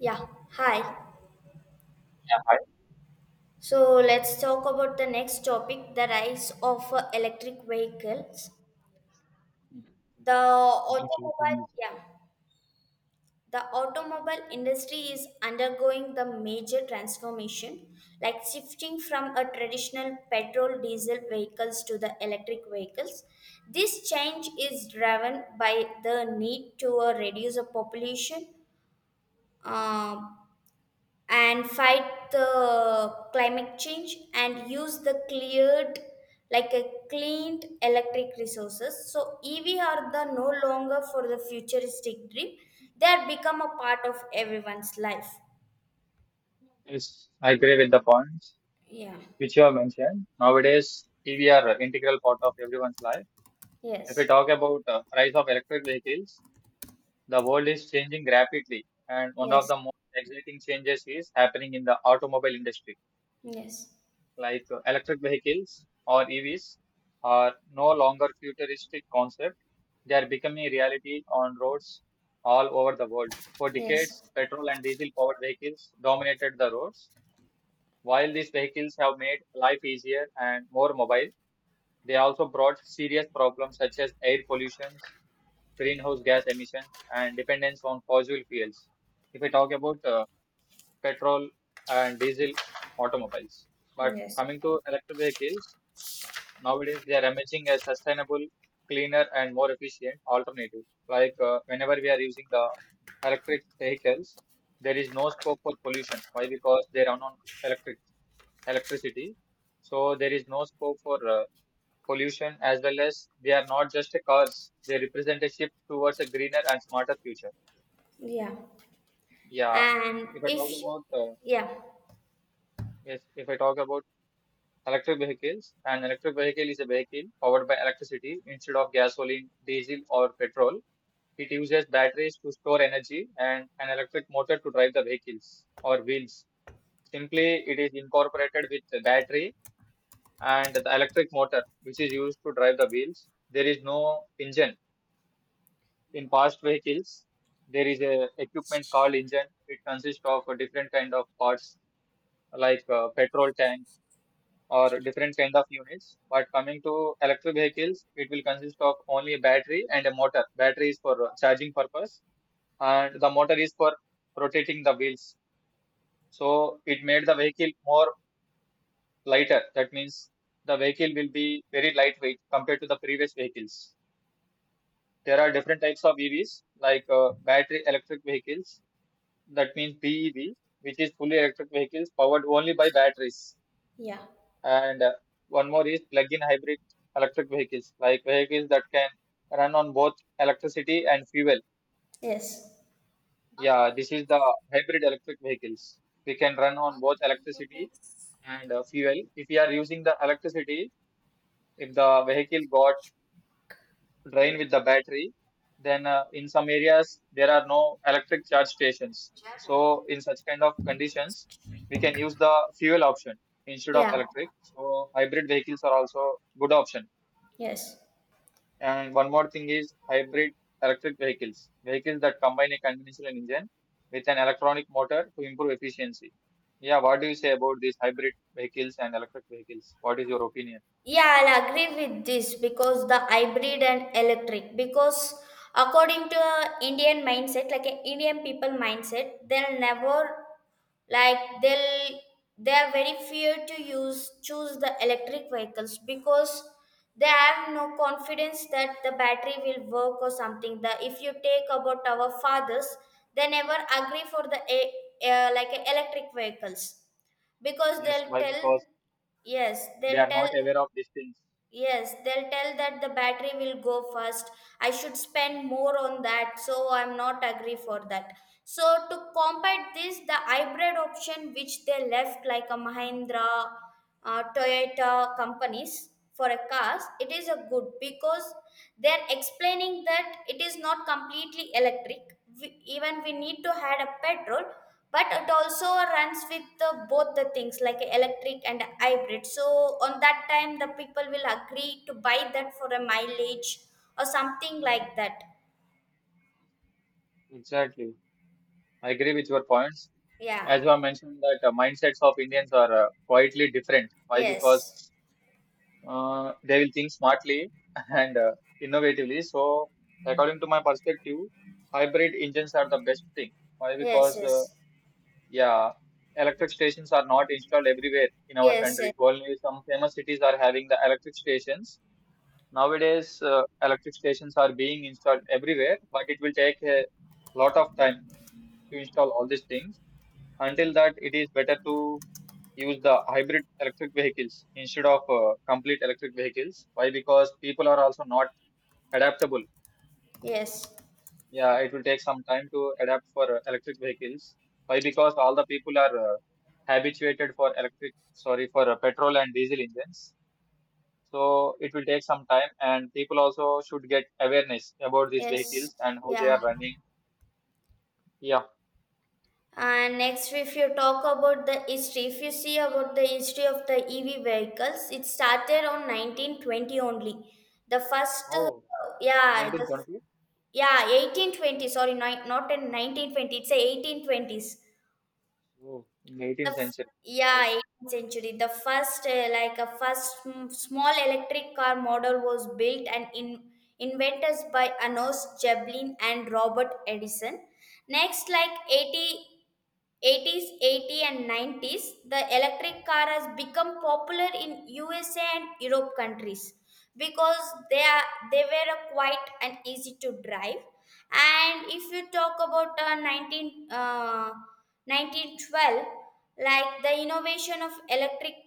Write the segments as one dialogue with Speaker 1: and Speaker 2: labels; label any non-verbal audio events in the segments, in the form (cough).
Speaker 1: Yeah, hi.
Speaker 2: Yeah, hi.
Speaker 1: So let's talk about the next topic, the rise of electric vehicles. The automobile, yeah, the automobile industry is undergoing the major transformation, like shifting from a traditional petrol diesel vehicles to the electric vehicles. This change is driven by the need to reduce the population, uh, and fight the climate change and use the cleared, like a cleaned electric resources, so EV are the no longer for the futuristic dream, they are become a part of everyone's life.
Speaker 2: Yes, I agree with the points
Speaker 1: Yeah.
Speaker 2: which you have mentioned. Nowadays, TV are an integral part of everyone's life. If we
Speaker 1: Yes.
Speaker 2: talk about price of electric vehicles, the world is changing rapidly, and one of
Speaker 1: Yes.
Speaker 2: the most exciting changes is happening in the automobile industry.
Speaker 1: Yes.
Speaker 2: Electric vehicles or EVs are no longer futuristic concept; they are becoming a reality on roads all over the world. For decades,
Speaker 1: Yes.
Speaker 2: petrol and diesel powered vehicles dominated the roads. While these vehicles have made life easier and more mobile, they also brought serious problems such as air pollution, greenhouse gas emissions, and dependence on fossil fuels. If I talk about petrol and diesel automobiles, but
Speaker 1: Yes.
Speaker 2: coming to electric vehicles, nowadays they are emerging as sustainable, cleaner, and more efficient alternative. Whenever we are using the electric vehicles, there is no scope for pollution. Why? Because they run on electric electricity. So there is no scope for pollution as well as they are not just a cars. They represent a shift towards a greener and smarter future.
Speaker 1: Yeah.
Speaker 2: Yeah.
Speaker 1: And
Speaker 2: If I talk
Speaker 1: if,
Speaker 2: about
Speaker 1: yeah,
Speaker 2: yes, If I talk about electric vehicles, an electric vehicle is a vehicle powered by electricity instead of gasoline, diesel, or petrol. It uses batteries to store energy and an electric motor to drive the vehicles or wheels. Simply, it is incorporated with the battery and the electric motor, which is used to drive the wheels. There is no engine. In past vehicles, there is a equipment called engine. It consists of a different kind of parts like petrol tank or different kind of units. But coming to electric vehicles, it will consist of only a battery and a motor. Battery is for charging purpose, and the motor is for rotating the wheels. So it made the vehicle more lighter. That means the vehicle will be very lightweight compared to the previous vehicles. There are different types of EVs, like battery electric vehicles, that means BEV, which is fully electric vehicles powered only by batteries.
Speaker 1: yeah.
Speaker 2: And one more is plug-in hybrid electric vehicles, like vehicles that can run on both electricity and fuel.
Speaker 1: Yes.
Speaker 2: Yeah, this is the hybrid electric vehicles. We can run on both electricity and fuel. If we are using the electricity, if the vehicle got drain with the battery. Then in some areas there are no electric charge stations. So in such kind of conditions, we can use the fuel option instead of
Speaker 1: Yeah.
Speaker 2: electric. So hybrid vehicles are also good option.
Speaker 1: Yes.
Speaker 2: And one more thing is hybrid electric vehicles, vehicles that combine a conventional engine with an electronic motor to improve efficiency. Yeah, what do you say about these hybrid vehicles and electric vehicles? What is your opinion?
Speaker 1: Yeah, I'll agree with this because the hybrid and electric. Because according to a Indian mindset, like a Indian people mindset, they'll never, like they'll, they are very fear to use choose the electric vehicles because they have no confidence that the battery will work or something. The if you take about our fathers, they never agree for the a, like a electric vehicles because
Speaker 2: Yes,
Speaker 1: they'll
Speaker 2: why?
Speaker 1: tell,
Speaker 2: Because
Speaker 1: yes
Speaker 2: they
Speaker 1: they'll
Speaker 2: are
Speaker 1: tell.
Speaker 2: not aware of these things.
Speaker 1: Yes, they'll tell that the battery will go first. I should spend more on that, so I'm not agree for that. So to combat this, the hybrid option which they left like a Mahindra, Toyota companies for a cars, it is a good because they're explaining that it is not completely electric. We, even we need to add a petrol, but it also runs with the, both the things like electric and hybrid, so on that time the people will agree to buy that for a mileage or something like that.
Speaker 2: Exactly. I agree with your points.
Speaker 1: Yeah.
Speaker 2: As you have mentioned, that mindsets of Indians are quietly different. Why?
Speaker 1: Yes.
Speaker 2: Because they will think smartly (laughs) and innovatively. So, according to my perspective, hybrid engines are the best thing. Why?
Speaker 1: Yes.
Speaker 2: Because
Speaker 1: Yes.
Speaker 2: yeah, electric stations are not installed everywhere in our
Speaker 1: Yes. Yes.
Speaker 2: country. Only some famous cities are having the electric stations. Nowadays, electric stations are being installed everywhere, but it will take a lot of time to install all these things. Until that, it is better to use the hybrid electric vehicles instead of complete electric vehicles. Why? Because people are also not adaptable.
Speaker 1: Yes.
Speaker 2: Yeah, it will take some time to adapt for electric vehicles. Why? Because all the people are habituated for electric, sorry, for petrol and diesel engines. So it will take some time, and people also should get awareness about these
Speaker 1: Yes.
Speaker 2: vehicles and how they are
Speaker 1: Yeah.
Speaker 2: running. Yeah.
Speaker 1: And next, if you talk about the history, if you see about the history of the EV vehicles, it started on 1920 only. The first
Speaker 2: Oh,
Speaker 1: yeah the.
Speaker 2: 1920?
Speaker 1: Yeah, 1820. Sorry, not in 1920. It's a 1820s.
Speaker 2: Oh, in the 18th century.
Speaker 1: Yeah, 18th century. The first like a first small electric car model was built and in inventors by Anos Jeblin and Robert Edison. Next, like 80 80s, 80 and 90s, the electric car has become popular in USA and Europe countries because they were a quiet and easy to drive. And if you talk about 19 1912, like the innovation of electric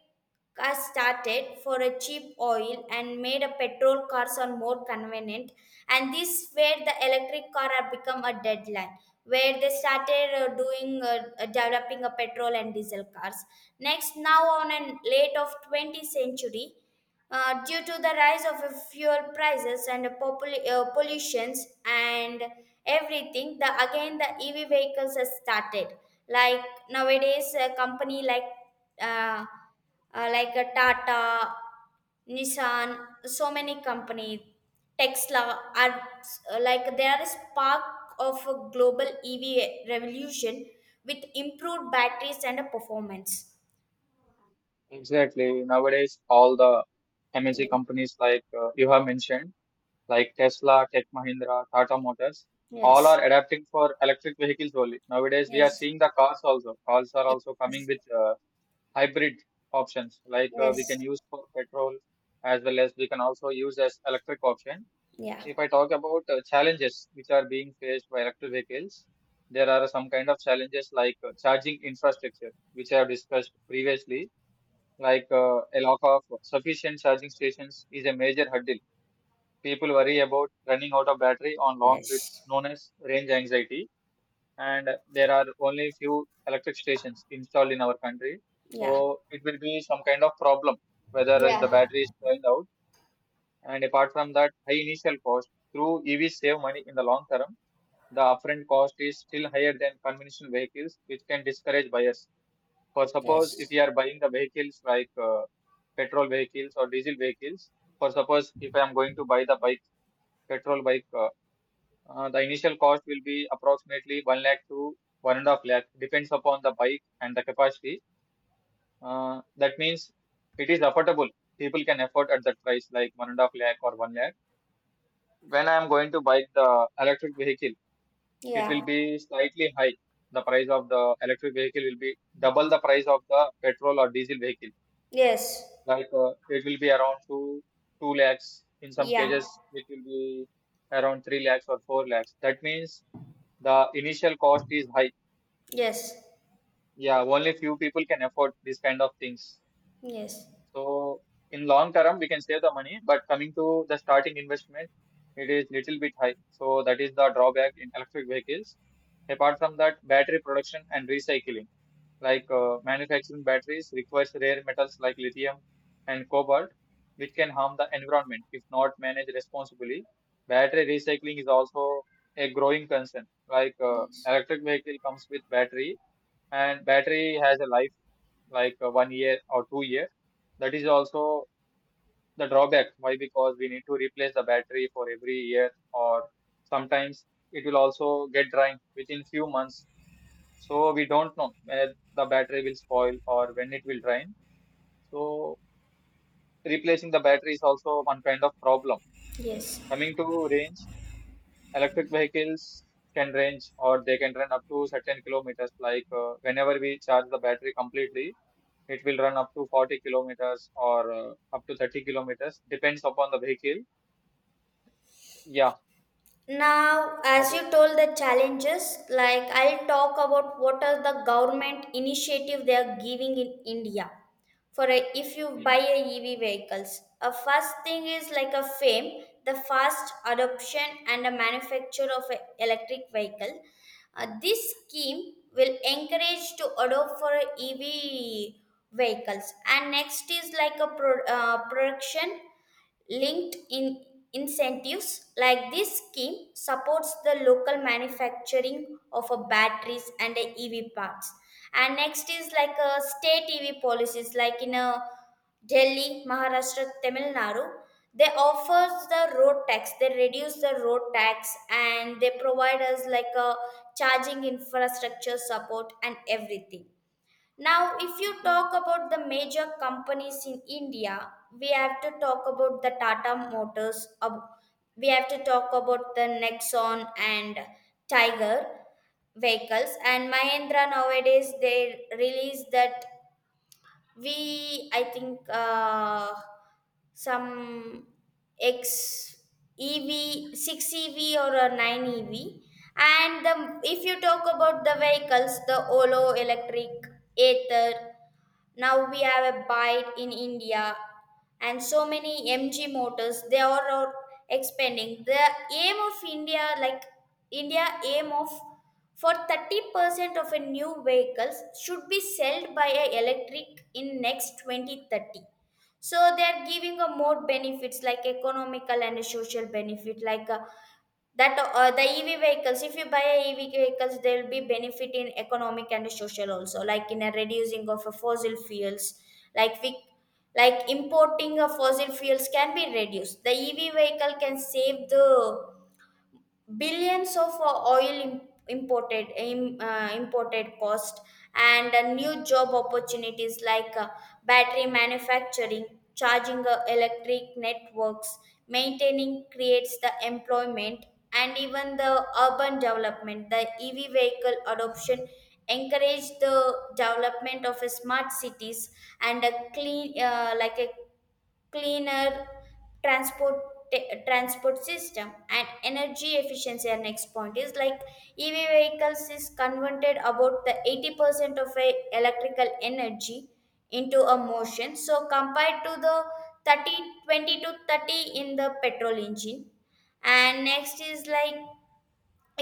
Speaker 1: cars started for a cheap oil and made a petrol cars are more convenient, and this where the electric car have become a deadline where they started doing developing a petrol and diesel cars. Next, now on a late of 20th century, due to the rise of fuel prices and pollutions and everything, the again the EV vehicles has started, like nowadays a company uh, like a Tata, Nissan, so many company, Tesla are like they are a spark of a global EV revolution with improved batteries and a performance.
Speaker 2: Exactly. Nowadays, all the MNC
Speaker 1: Yeah.
Speaker 2: companies like you have mentioned, like Tesla, Tech Mahindra, Tata Motors, all
Speaker 1: Yes.
Speaker 2: are adapting for electric vehicles only. Nowadays, we are
Speaker 1: Yes.
Speaker 2: seeing the cars also. Cars are
Speaker 1: Yes.
Speaker 2: also coming
Speaker 1: Yes.
Speaker 2: with hybrid options, like
Speaker 1: Yes.
Speaker 2: we can use for petrol as well as we can also use as electric option.
Speaker 1: Yeah.
Speaker 2: If I talk about challenges which are being faced by electric vehicles, there are some kind of challenges like charging infrastructure, which I have discussed previously, like a lack of sufficient charging stations is a major hurdle. People worry about running out of battery on long trips, known as range anxiety, and there are only few electric stations installed in our country.
Speaker 1: Yeah.
Speaker 2: So it will be some kind of problem whether the
Speaker 1: Yeah.
Speaker 2: battery is going out. And apart from that, high initial cost through EVs save money in the long term. The upfront cost is still higher than conventional vehicles, which can discourage buyers. For suppose if you are buying the vehicles like petrol vehicles or diesel vehicles, for suppose if I am going to buy the bike, petrol bike, the initial cost will be approximately 1 lakh to 1.5 lakh, depends upon the bike and the capacity. That means it is affordable. People can afford at that price, like 1.5 lakh or 1 lakh. When I am going to buy the electric vehicle, it will
Speaker 1: Yeah.
Speaker 2: be slightly high. The price of the electric vehicle will be double the price of the petrol or diesel vehicle,
Speaker 1: Yes.
Speaker 2: like it will be around two lakhs. In some
Speaker 1: Yeah.
Speaker 2: cases it will be around 3 lakhs or 4 lakhs. That means the initial cost is high.
Speaker 1: Yes.
Speaker 2: Yeah, only few people can afford this kind of things.
Speaker 1: Yes.
Speaker 2: So in long term we can save the money, but coming to the starting investment, it is little bit high, so that is the drawback in electric vehicles. Apart from that, battery production and recycling, like manufacturing batteries requires rare metals like lithium and cobalt, which can harm the environment if not managed responsibly. Battery recycling is also a growing concern. Like
Speaker 1: Yes.
Speaker 2: electric vehicle comes with battery, and battery has a life like 1 year or 2 years. That is also the drawback. Why? Because we need to replace the battery for every year, or sometimes it will also get drying within few months, so we don't know where the battery will spoil or when it will drain. So replacing the battery is also one kind of problem.
Speaker 1: Yes.
Speaker 2: Coming to range, electric vehicles can range or they can run up to certain kilometers. Like whenever we charge the battery completely, it will run up to 40 kilometers or up to 30 kilometers, depends upon the vehicle. Yeah.
Speaker 1: Now, as
Speaker 2: What
Speaker 1: you
Speaker 2: is-
Speaker 1: told the challenges, like I'll talk about what are the government initiative they are giving in India for a, if you
Speaker 2: yeah.
Speaker 1: buy a EV vehicles. A first thing is like a fame, the fast adoption and the manufacture of a electric vehicle. This scheme will encourage to adopt for a EV vehicles. And next is like a production Linked in incentives, like this scheme supports the local manufacturing of a batteries and a EV parts. And next is like a state EV policies, like in a Delhi, Maharashtra, Tamil Nadu. They offers the road tax. They reduce the road tax and they provide us like a charging infrastructure support and everything. Now, if you talk about the major companies in India, we have to talk about the Tata Motors, we have to talk about the Nexon and Tiger vehicles, and Mahindra nowadays they release that, we I think some x ev 6 ev or a 9 ev. And the, if you talk about the vehicles, the olo electric, ether, now we have a bite in India, and so many MG motors, they are all expanding the aim of India, like India aim of for 30% of a new vehicles should be sold by a electric in next 2030. So they are giving a more benefits like economical and a social benefit, like that the EV vehicles. If you buy a EV vehicles, there will be benefit in economic and social also, like in a reducing of a fossil fuels, like we like importing of fossil fuels can be reduced. The EV vehicle can save the billions of oil imported cost. And new job opportunities like battery manufacturing, charging electric networks maintaining creates the employment. And even the urban development, the EV vehicle adoption encourage the development of smart cities and a clean, like a cleaner transport, system. And energy efficiency, our next point is like EV vehicles is converted about the 80% of a electrical energy into a motion, so compared to the 30 20 to 30 in the petrol engine. And next is like,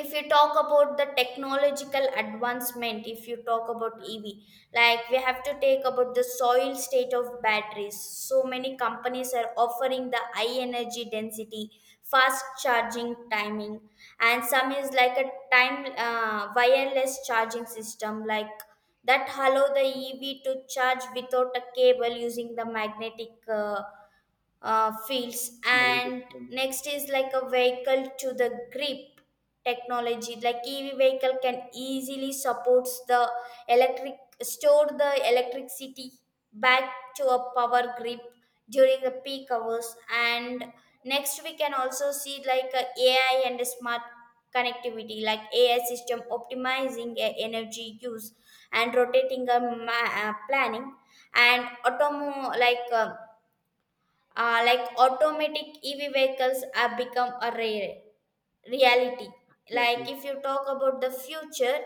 Speaker 1: if you talk about the technological advancement, if you talk about ev, like we have to take about the soil state of batteries, so many companies are offering the high energy density, fast charging timing. And some is like a time, wireless charging system, like that allow the ev to charge without a cable using the magnetic fields.
Speaker 2: I agree with
Speaker 1: And
Speaker 2: you.
Speaker 1: next is like a vehicle to the grip technology, like EV vehicle can easily supports the electric, store the electricity back to a power grip during the peak hours. And next we can also see like a AI and a smart connectivity, like AI system optimizing a energy use and rotating planning and automo like automatic EV vehicles have become a rare reality. Like
Speaker 2: Exactly.
Speaker 1: if you talk about the future,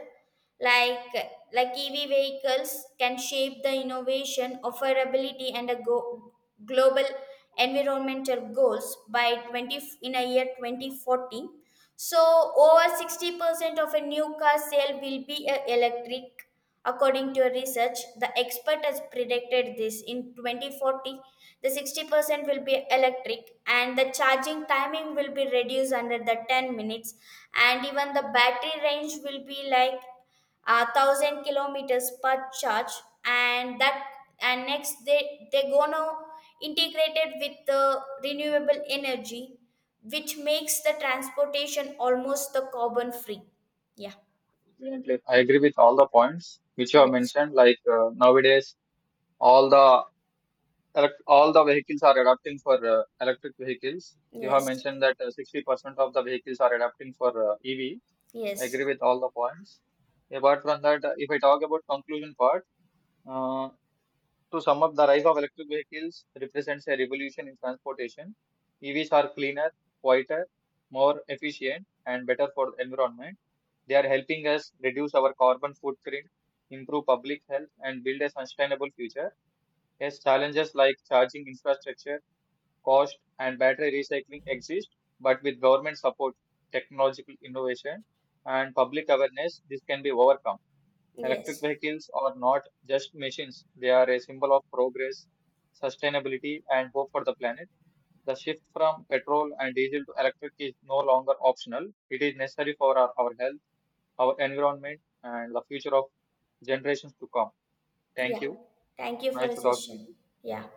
Speaker 1: like like EV vehicles can shape the innovation affordability and global environmental goals by 20 in a year 2040. So, over 60% of a new car sale will be electric, according to a research. The expert has predicted this in 2040. The 60% will be electric, and the charging timing will be reduced under the 10 minutes, and even the battery range will be like 1,000 kilometers per charge. And that, and next they gonna integrate it with the renewable energy which makes the transportation almost the carbon free. Yeah.
Speaker 2: Definitely. I agree with all the points which you have
Speaker 1: Yes.
Speaker 2: mentioned. Like nowadays, all the all the vehicles are adopting for electric vehicles. You have
Speaker 1: Yes.
Speaker 2: mentioned that 60% of the vehicles are adopting for EV. Agree
Speaker 1: Yes.
Speaker 2: with all the points. Apart from that, if I talk about conclusion part, uh, to sum up, the rise of electric vehicles represents a revolution in transportation. EVs are cleaner, quieter, more efficient, and better for the environment. They are helping us reduce our carbon footprint, improve public health, and build a sustainable future. Yes, challenges like charging infrastructure, cost, and battery recycling exist, but with government support, technological innovation, and public awareness, this can be overcome. Electric
Speaker 1: Yes.
Speaker 2: vehicles are not just machines, they are a symbol of progress, sustainability, and hope for the planet. The shift from petrol and diesel to electric is no longer optional, it is necessary for our health, our environment, and the future of generations to come. Thank
Speaker 1: Yeah.
Speaker 2: you.
Speaker 1: Thank you for
Speaker 2: Nice
Speaker 1: the
Speaker 2: to talking with
Speaker 1: session.
Speaker 2: you.
Speaker 1: Yeah.